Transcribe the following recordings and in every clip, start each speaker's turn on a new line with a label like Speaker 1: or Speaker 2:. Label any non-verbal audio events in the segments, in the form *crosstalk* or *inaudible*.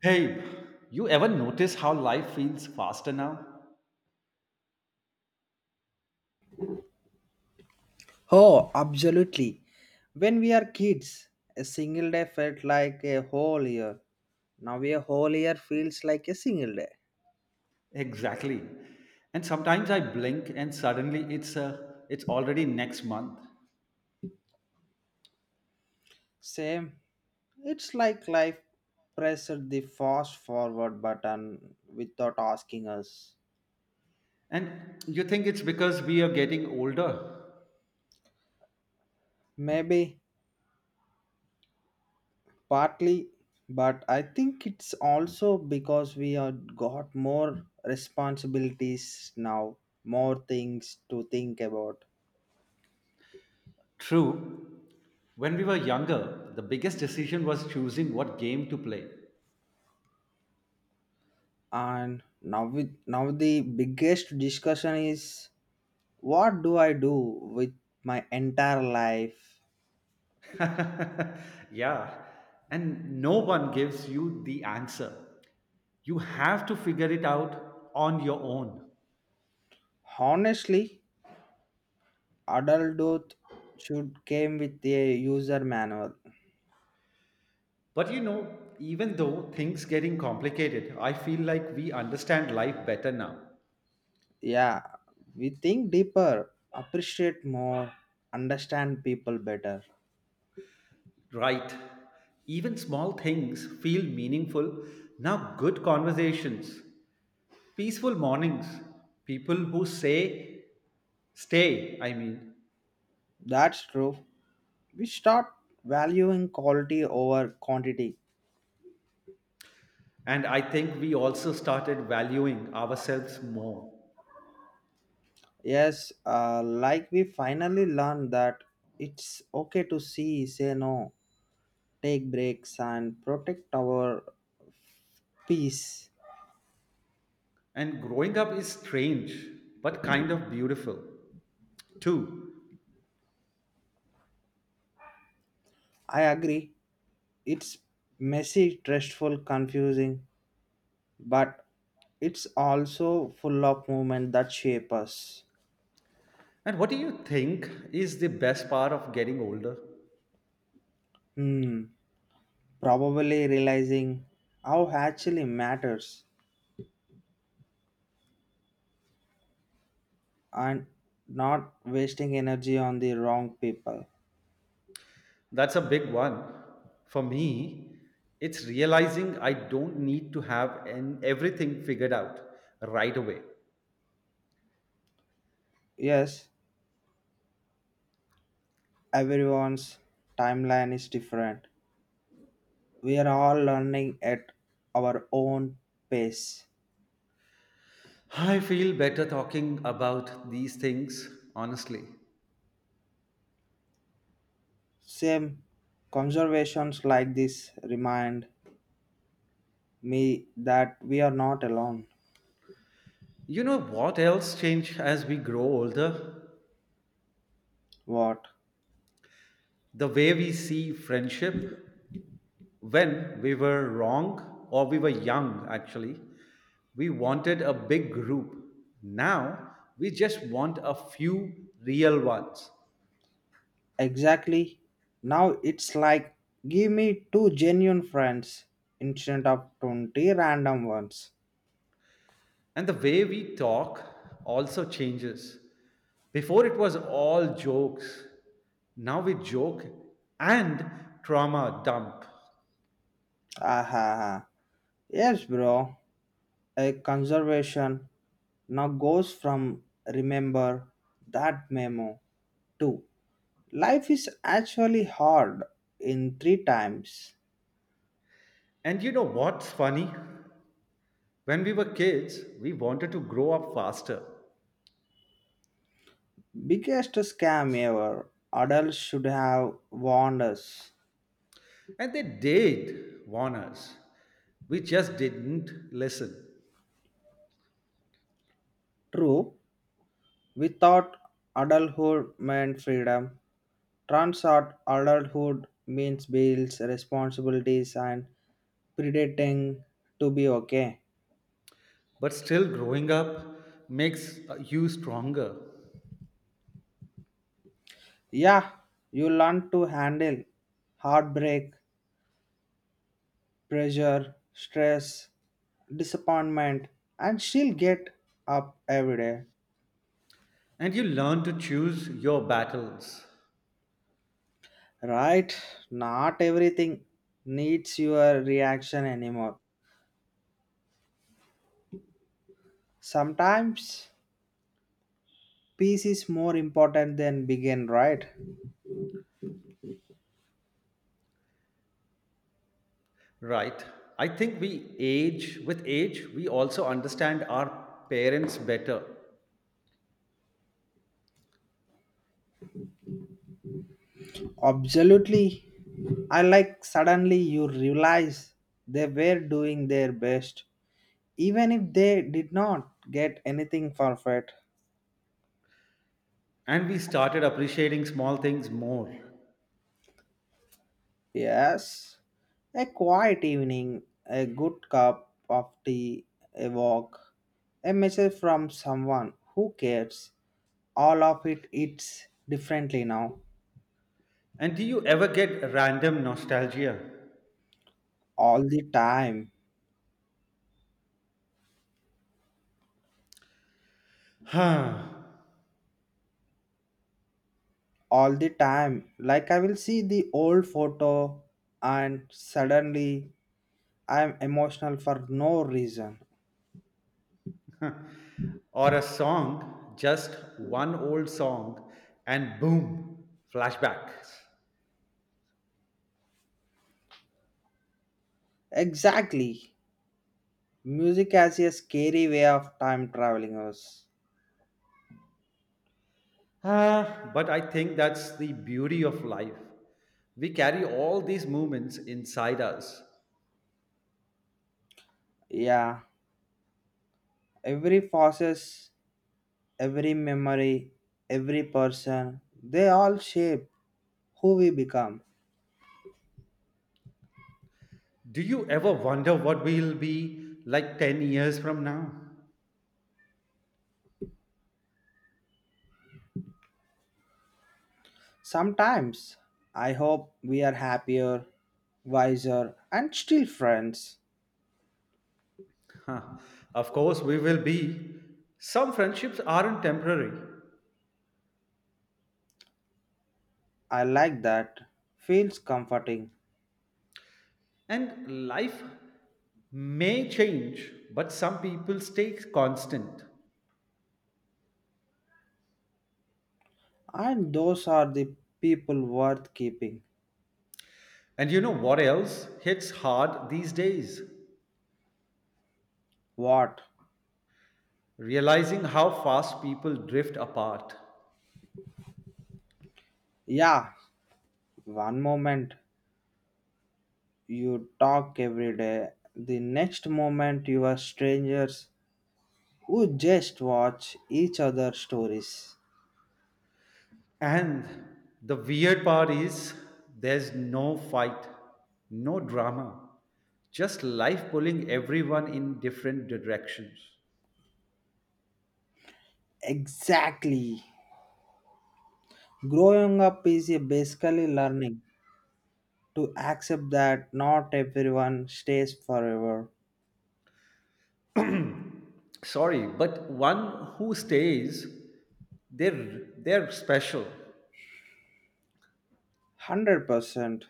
Speaker 1: Hey, you ever notice how life feels faster now?
Speaker 2: Oh, absolutely. When we are kids, a single day felt like a whole year. Now a whole year feels like a single day.
Speaker 1: Exactly. And sometimes I blink and suddenly it's it's already next month.
Speaker 2: Same. It's like life pressed the fast forward button without asking us.
Speaker 1: And you think it's because we are getting older?
Speaker 2: Maybe partly, but I think it's also because we are got more responsibilities now, more things to think about
Speaker 1: True. When we were younger, the biggest decision was choosing what game to play. *laughs*
Speaker 2: and now the biggest discussion is what do I do with my entire life
Speaker 1: Yeah. And no one gives you the answer. You have to figure it out on your own.
Speaker 2: honestly adulthood should came with a user manual
Speaker 1: But you know, even though things getting complicated, I feel like we understand life better now.
Speaker 2: yeah we think deeper appreciate more understand people better
Speaker 1: Right. Even small things feel meaningful. Now good conversations, peaceful mornings, people who say stay, I mean.
Speaker 2: that's true we start valuing quality over quantity
Speaker 1: And I think we also started valuing ourselves more.
Speaker 2: yes like we finally learned that it's okay to see say no take breaks and protect our peace.
Speaker 1: And growing up is strange, but kind of beautiful too.
Speaker 2: I agree. It's messy, stressful, confusing, but it's also full of movement that shape us.
Speaker 1: And what do you think is the best part of getting older?
Speaker 2: Hmm. Probably realizing how actually matters and not wasting energy on the wrong people.
Speaker 1: That's a big one. For me, it's realizing I don't need to have an, everything figured out right away.
Speaker 2: Yes, everyone's timeline is different. We are all learning at our own pace.
Speaker 1: I feel better talking about these things, honestly.
Speaker 2: Same conversations like this remind me that we are not alone.
Speaker 1: You know what else changed as we grow older?
Speaker 2: What?
Speaker 1: The way we see friendship. When we were wrong or we were young, actually, we wanted a big group. Now we just want a few real ones.
Speaker 2: Exactly. Now it's like give me two genuine friends instead of 20 random ones.
Speaker 1: And the way we talk also changes. Before it was all jokes. Now we joke and trauma dump.
Speaker 2: Aha. Yes, bro. A conservation now goes from remember that memo to life is actually hard in three times.
Speaker 1: And you know what's funny? When we were kids, we wanted to grow up faster.
Speaker 2: Biggest scam ever. Adults should have warned us.
Speaker 1: And they did warn us. We just didn't listen.
Speaker 2: True, we thought adulthood meant freedom. Turns out adulthood means bills, responsibilities, and pretending to be okay.
Speaker 1: But still, growing up makes you stronger.
Speaker 2: Yeah, you learn to handle heartbreak, pressure, stress, disappointment, and still get up every day.
Speaker 1: And you learn to choose your battles.
Speaker 2: Right? Not everything needs your reaction anymore. Sometimes peace is more important than begin, right?
Speaker 1: Right. I think we age, with age, we also understand our parents better.
Speaker 2: Absolutely. I like suddenly you realize they were doing their best, even if they did not get anything perfect.
Speaker 1: And we started appreciating small things more.
Speaker 2: Yes, a quiet evening, a good cup of tea, a walk, a message from someone who cares. All of it it's differently now.
Speaker 1: And do you ever get random nostalgia?
Speaker 2: All the time.
Speaker 1: *sighs* Huh.
Speaker 2: All the time. Like I will see the old photo and suddenly I'm emotional for no reason.
Speaker 1: *laughs* Or a song, just one old song, and boom, flashbacks.
Speaker 2: Exactly. Music has a scary way of time traveling us.
Speaker 1: Ah, but I think that's the beauty of life. We carry all these moments inside us.
Speaker 2: Yeah. Every process every memory, every person, they all shape who we become.
Speaker 1: Do you ever wonder what we'll be like 10 years from now?
Speaker 2: Sometimes I hope we are happier, wiser, and still friends.
Speaker 1: Huh. Of course, we will be. Some friendships aren't temporary,
Speaker 2: I like that. Feels comforting.
Speaker 1: and life may change, but some people stay constant.
Speaker 2: And those are the people worth keeping.
Speaker 1: And you know what else hits hard these days?
Speaker 2: What?
Speaker 1: Realizing how fast people drift apart.
Speaker 2: Yeah, one moment you talk every day, the next moment you are strangers who just watch each other's stories.
Speaker 1: And the weird part is there's no fight, no drama, just life pulling everyone in different directions.
Speaker 2: Exactly. Growing up is a basically learning to accept that not everyone stays forever.
Speaker 1: Sorry, but one who stays, they're special.
Speaker 2: 100%.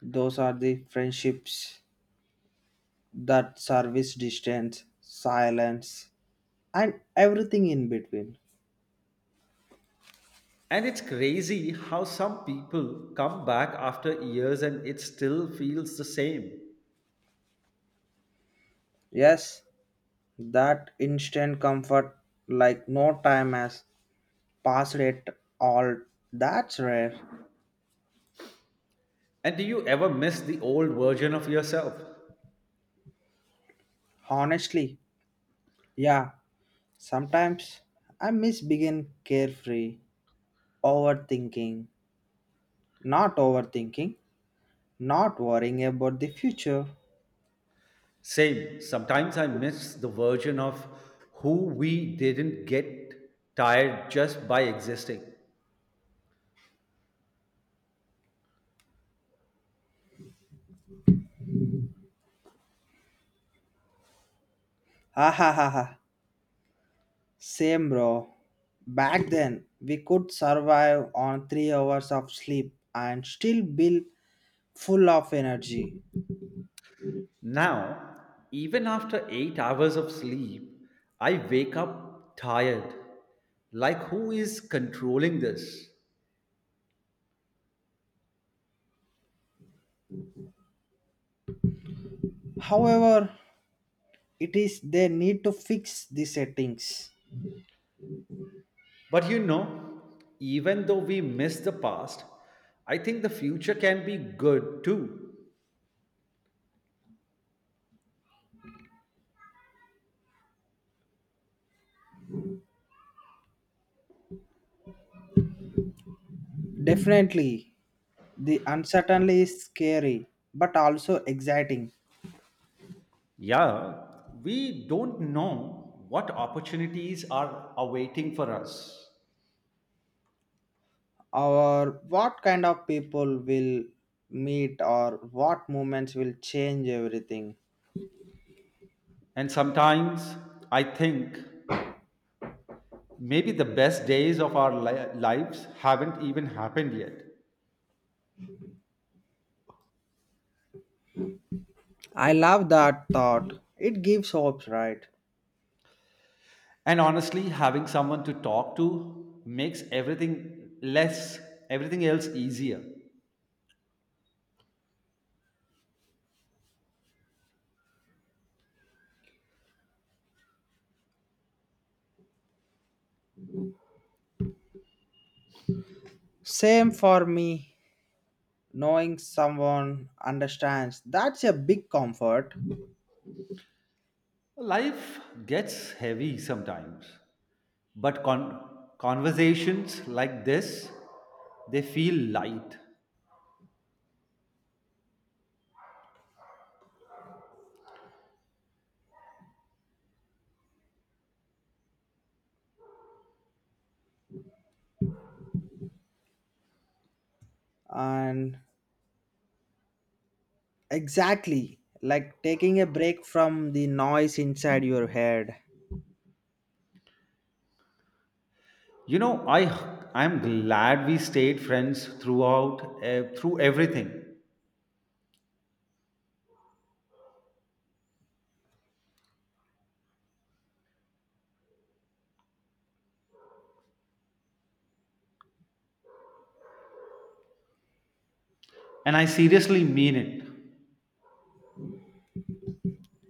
Speaker 2: Those are the friendships that service distance, silence, and everything in between.
Speaker 1: And it's crazy how some people come back after years and it still feels the same.
Speaker 2: Yes, that instant comfort, like no time has passed it all, that's rare.
Speaker 1: And do you ever miss the old version of yourself?
Speaker 2: Honestly, yeah, sometimes I miss being carefree Overthinking, not overthinking, not worrying about the future.
Speaker 1: Same. Sometimes I miss the version of who we didn't get tired just by existing.
Speaker 2: Ha ha ha ha. Same bro. Back then, we could survive on 3 hours of sleep and still be full of energy.
Speaker 1: Now, even after 8 hours of sleep, I wake up tired. Like, who is controlling this?
Speaker 2: However, it is they need to fix the settings.
Speaker 1: But you know, even though we miss the past, I think the future can be good too.
Speaker 2: Definitely, the uncertainty is scary but also exciting.
Speaker 1: Yeah, we don't know what opportunities are awaiting for us.
Speaker 2: Or what kind of people will meet or what movements will change everything
Speaker 1: And sometimes I think maybe the best days of our lives haven't even happened yet.
Speaker 2: I love that thought it gives hopes right
Speaker 1: And honestly, having someone to talk to makes everything less, everything else easier.
Speaker 2: same for me knowing someone understands that's a big comfort
Speaker 1: Life gets heavy sometimes, but conversations like this, they feel light.
Speaker 2: and exactly like taking a break from the noise inside your head
Speaker 1: You know, I'm glad we stayed friends throughout through everything, and I seriously mean it.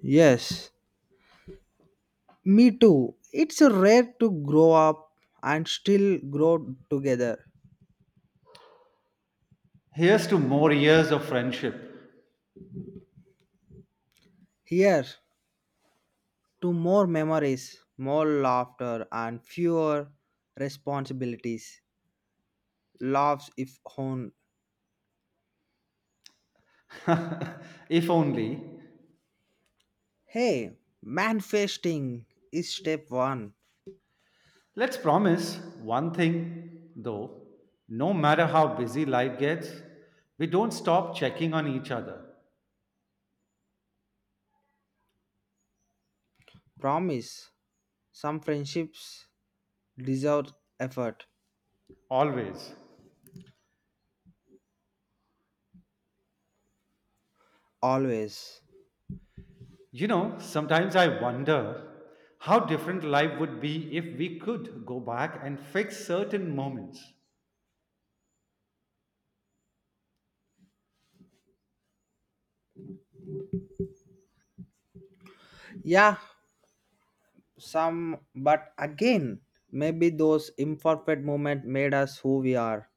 Speaker 2: yes me too it's rare to grow up and still grow together
Speaker 1: Here's to more years of friendship.
Speaker 2: here to more memories, more laughter, and fewer responsibilities. Laughs if on.
Speaker 1: *laughs* If only.
Speaker 2: Hey, manifesting is step one.
Speaker 1: Let's promise one thing, though. No matter how busy life gets, we don't stop checking on each other.
Speaker 2: Promise. Some friendships deserve effort.
Speaker 1: Always.
Speaker 2: Always.
Speaker 1: You know, sometimes I wonder how different life would be if we could go back and fix certain moments.
Speaker 2: Yeah, some, but again, maybe those imperfect moments made us who we are.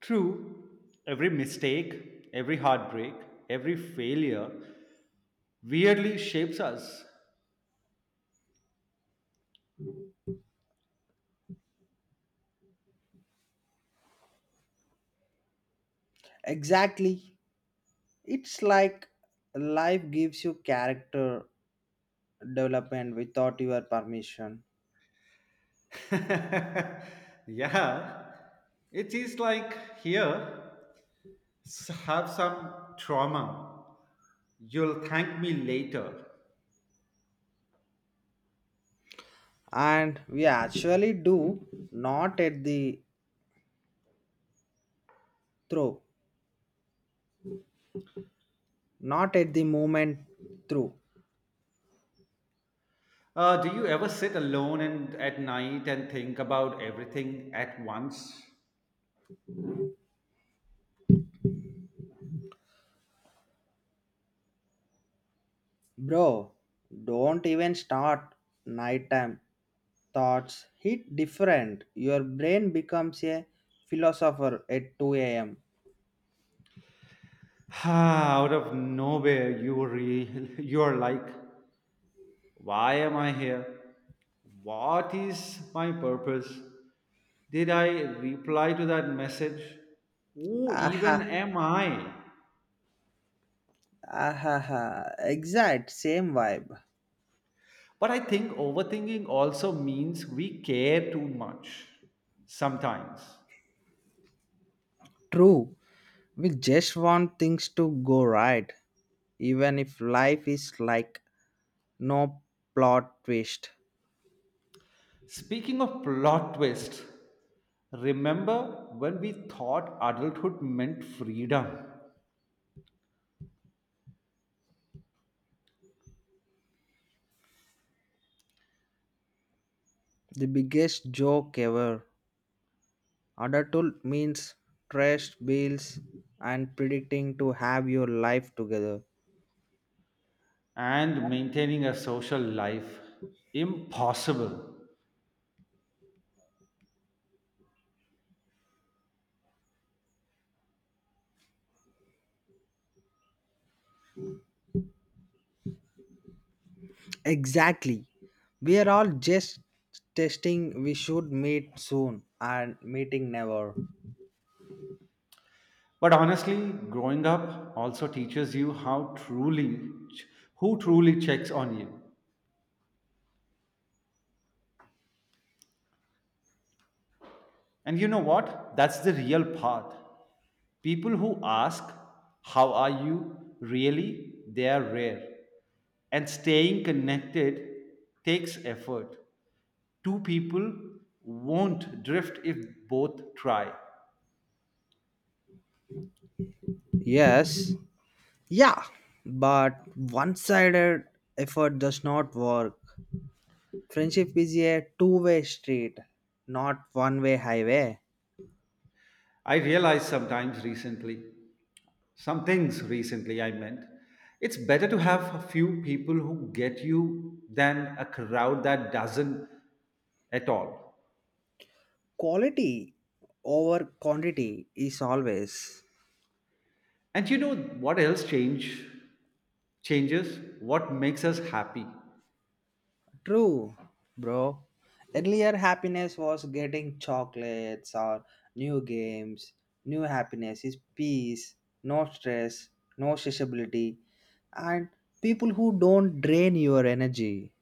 Speaker 1: True, every mistake, every heartbreak, every failure weirdly shapes us.
Speaker 2: Exactly. It's like life gives you character development without your permission
Speaker 1: *laughs* Yeah, it is like here, have some trauma. You'll thank me later.
Speaker 2: and we actually do not at the through not at the moment through
Speaker 1: Do you ever sit alone and at night and think about everything at once?
Speaker 2: bro don't even start nighttime thoughts hit different your brain becomes a philosopher at 2 a.m
Speaker 1: *sighs* Out of nowhere, *laughs* you are like, why am I here? What is my purpose? Did I reply to that message? Who even
Speaker 2: aha
Speaker 1: am I?
Speaker 2: aha aha. exact same vibe
Speaker 1: But I think overthinking also means we care too much sometimes.
Speaker 2: true we just want things to go right even if life is like no plot twist
Speaker 1: Speaking of plot twist, remember when we thought adulthood meant freedom
Speaker 2: The biggest joke ever. Adulthood means trash bills and predicting to have your life together.
Speaker 1: and maintaining a social life? Impossible.
Speaker 2: Exactly. We are all just testing we should meet soon and meeting never.
Speaker 1: But honestly, growing up also teaches you how truly who truly checks on you. And you know what? That's the real path. People who ask, how are you, really, they are rare. And staying connected takes effort. Two people won't drift if both try.
Speaker 2: Yes. Yeah. But one sided effort does not work. Friendship is a two-way street, not one way highway.
Speaker 1: I realized sometimes recently, some things recently I meant, it's better to have a few people who get you than a crowd that doesn't at all.
Speaker 2: Quality over quantity is always.
Speaker 1: And you know what else changes? What makes us happy?
Speaker 2: True, bro. Earlier, happiness was getting chocolates or new games. New happiness is peace, no stress, no sociability, and people who don't drain your energy.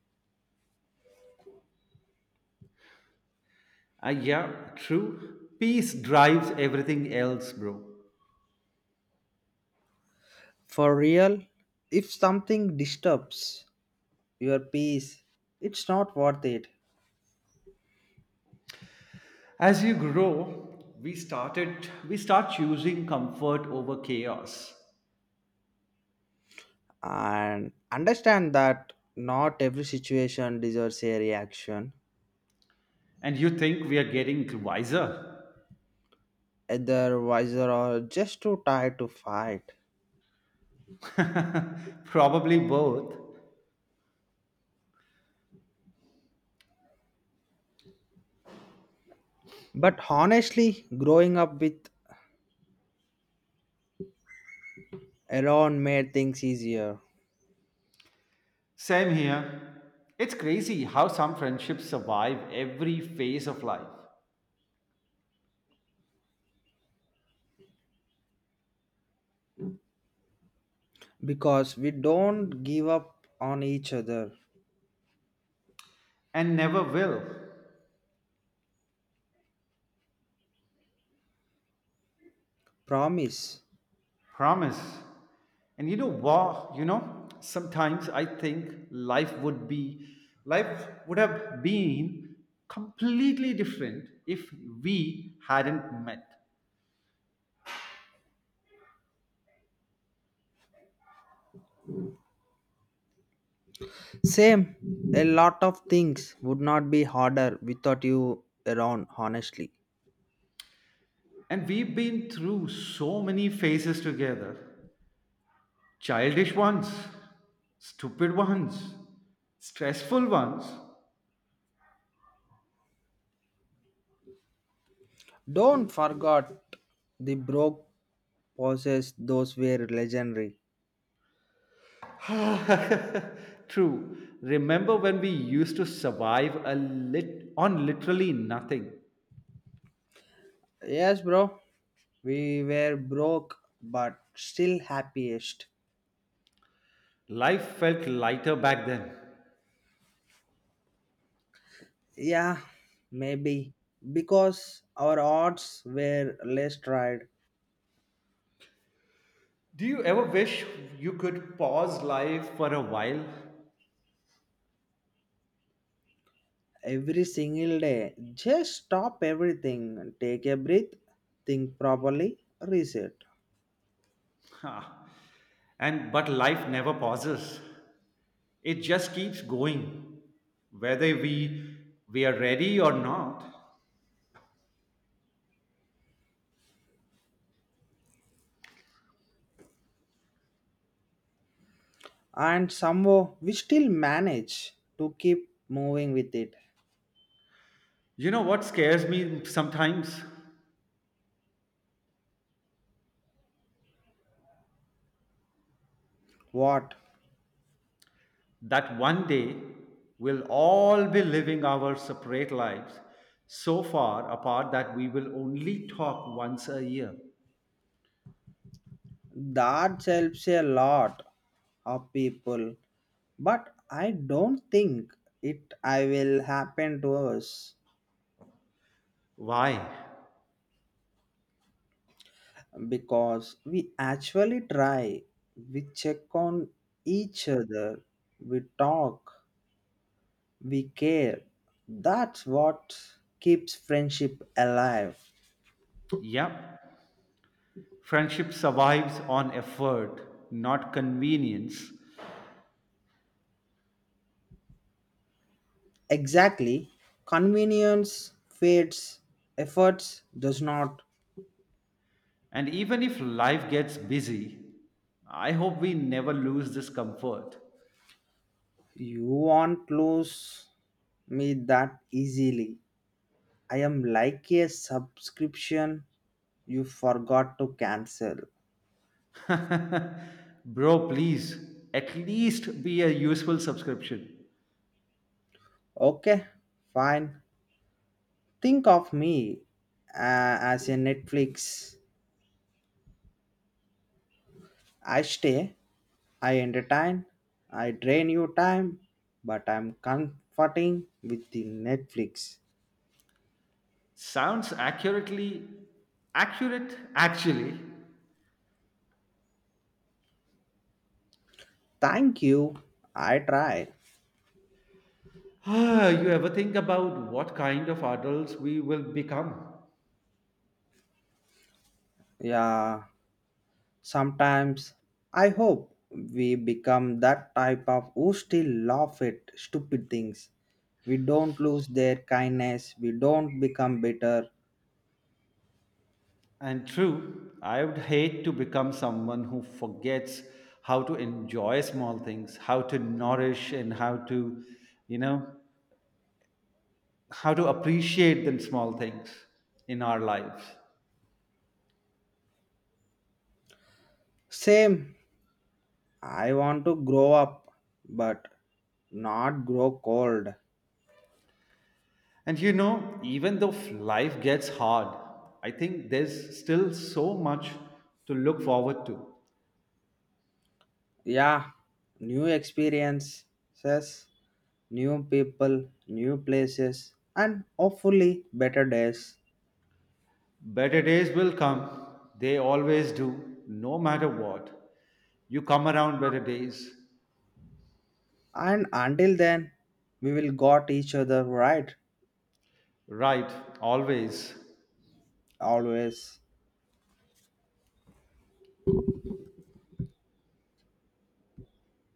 Speaker 1: Ah, yeah, true. Peace drives everything else, bro.
Speaker 2: For real, if something disturbs your peace, it's not worth it.
Speaker 1: As you grow, we start choosing comfort over chaos.
Speaker 2: And understand that not every situation deserves a reaction,
Speaker 1: And you think we are getting wiser?
Speaker 2: either wiser or just too tired to fight.
Speaker 1: *laughs* Probably both.
Speaker 2: But honestly, growing up with Aaron made things easier
Speaker 1: Same here. It's crazy how some friendships survive every phase of life
Speaker 2: because we don't give up on each other.
Speaker 1: and never will.
Speaker 2: Promise.
Speaker 1: Promise. And you know, sometimes I think life would be life would have been completely different if we hadn't met.
Speaker 2: Same, a lot of things would not be harder without you around, honestly.
Speaker 1: And we've been through so many phases together, childish ones, stupid ones, stressful ones.
Speaker 2: Don't forget the broke pauses, those were legendary.
Speaker 1: *laughs* True. Remember when we used to survive a lit on literally nothing?
Speaker 2: Yes, bro, we were broke but still happiest.
Speaker 1: Life felt lighter back then.
Speaker 2: Yeah, maybe because our odds were less tried
Speaker 1: Do you ever wish you could pause life for a while?
Speaker 2: every single day. Just stop everything, take a breath, think properly, reset.
Speaker 1: Huh. And but life never pauses. It just keeps going whether we are ready or not.
Speaker 2: And somehow we still manage to keep moving with it.
Speaker 1: You know what scares me sometimes
Speaker 2: What?
Speaker 1: that one day we'll all be living our separate lives so far apart that we will only talk once a year.
Speaker 2: That helps a lot of people, but I don't think it I will happen to us.
Speaker 1: Why?
Speaker 2: Because we actually try, we check on each other, we talk, we care. That's what keeps friendship alive.
Speaker 1: Yep. Friendship survives on effort, not convenience.
Speaker 2: Exactly. Convenience fades, efforts does not.
Speaker 1: And even if life gets busy, I hope we never lose this comfort.
Speaker 2: You won't lose me that easily. I am like a subscription you forgot to cancel.
Speaker 1: *laughs* Bro, please, at least be a useful subscription.
Speaker 2: Okay, fine. Think of me as a Netflix. I stay, I entertain, I drain your time, but I'm comforting with the Netflix.
Speaker 1: Sounds accurate, actually. *sighs*
Speaker 2: Thank you. I try.
Speaker 1: Ah, you ever think about what kind of adults we will become?
Speaker 2: Yeah, sometimes I hope we become that type of who still laugh at stupid things. We don't lose their kindness, we don't become bitter.
Speaker 1: And true, I would hate to become someone who forgets how to enjoy small things, how to nourish, and how to, you know, how to appreciate the small things in our lives.
Speaker 2: Same, I want to grow up, but not grow cold.
Speaker 1: And you know, even though life gets hard, I think there's still so much to look forward to.
Speaker 2: Yeah, new experiences, new people, new places, and hopefully better days.
Speaker 1: Better days will come, they always do, no matter what. You come around better days,
Speaker 2: And until then, we will got each other right,
Speaker 1: right? Always.
Speaker 2: always.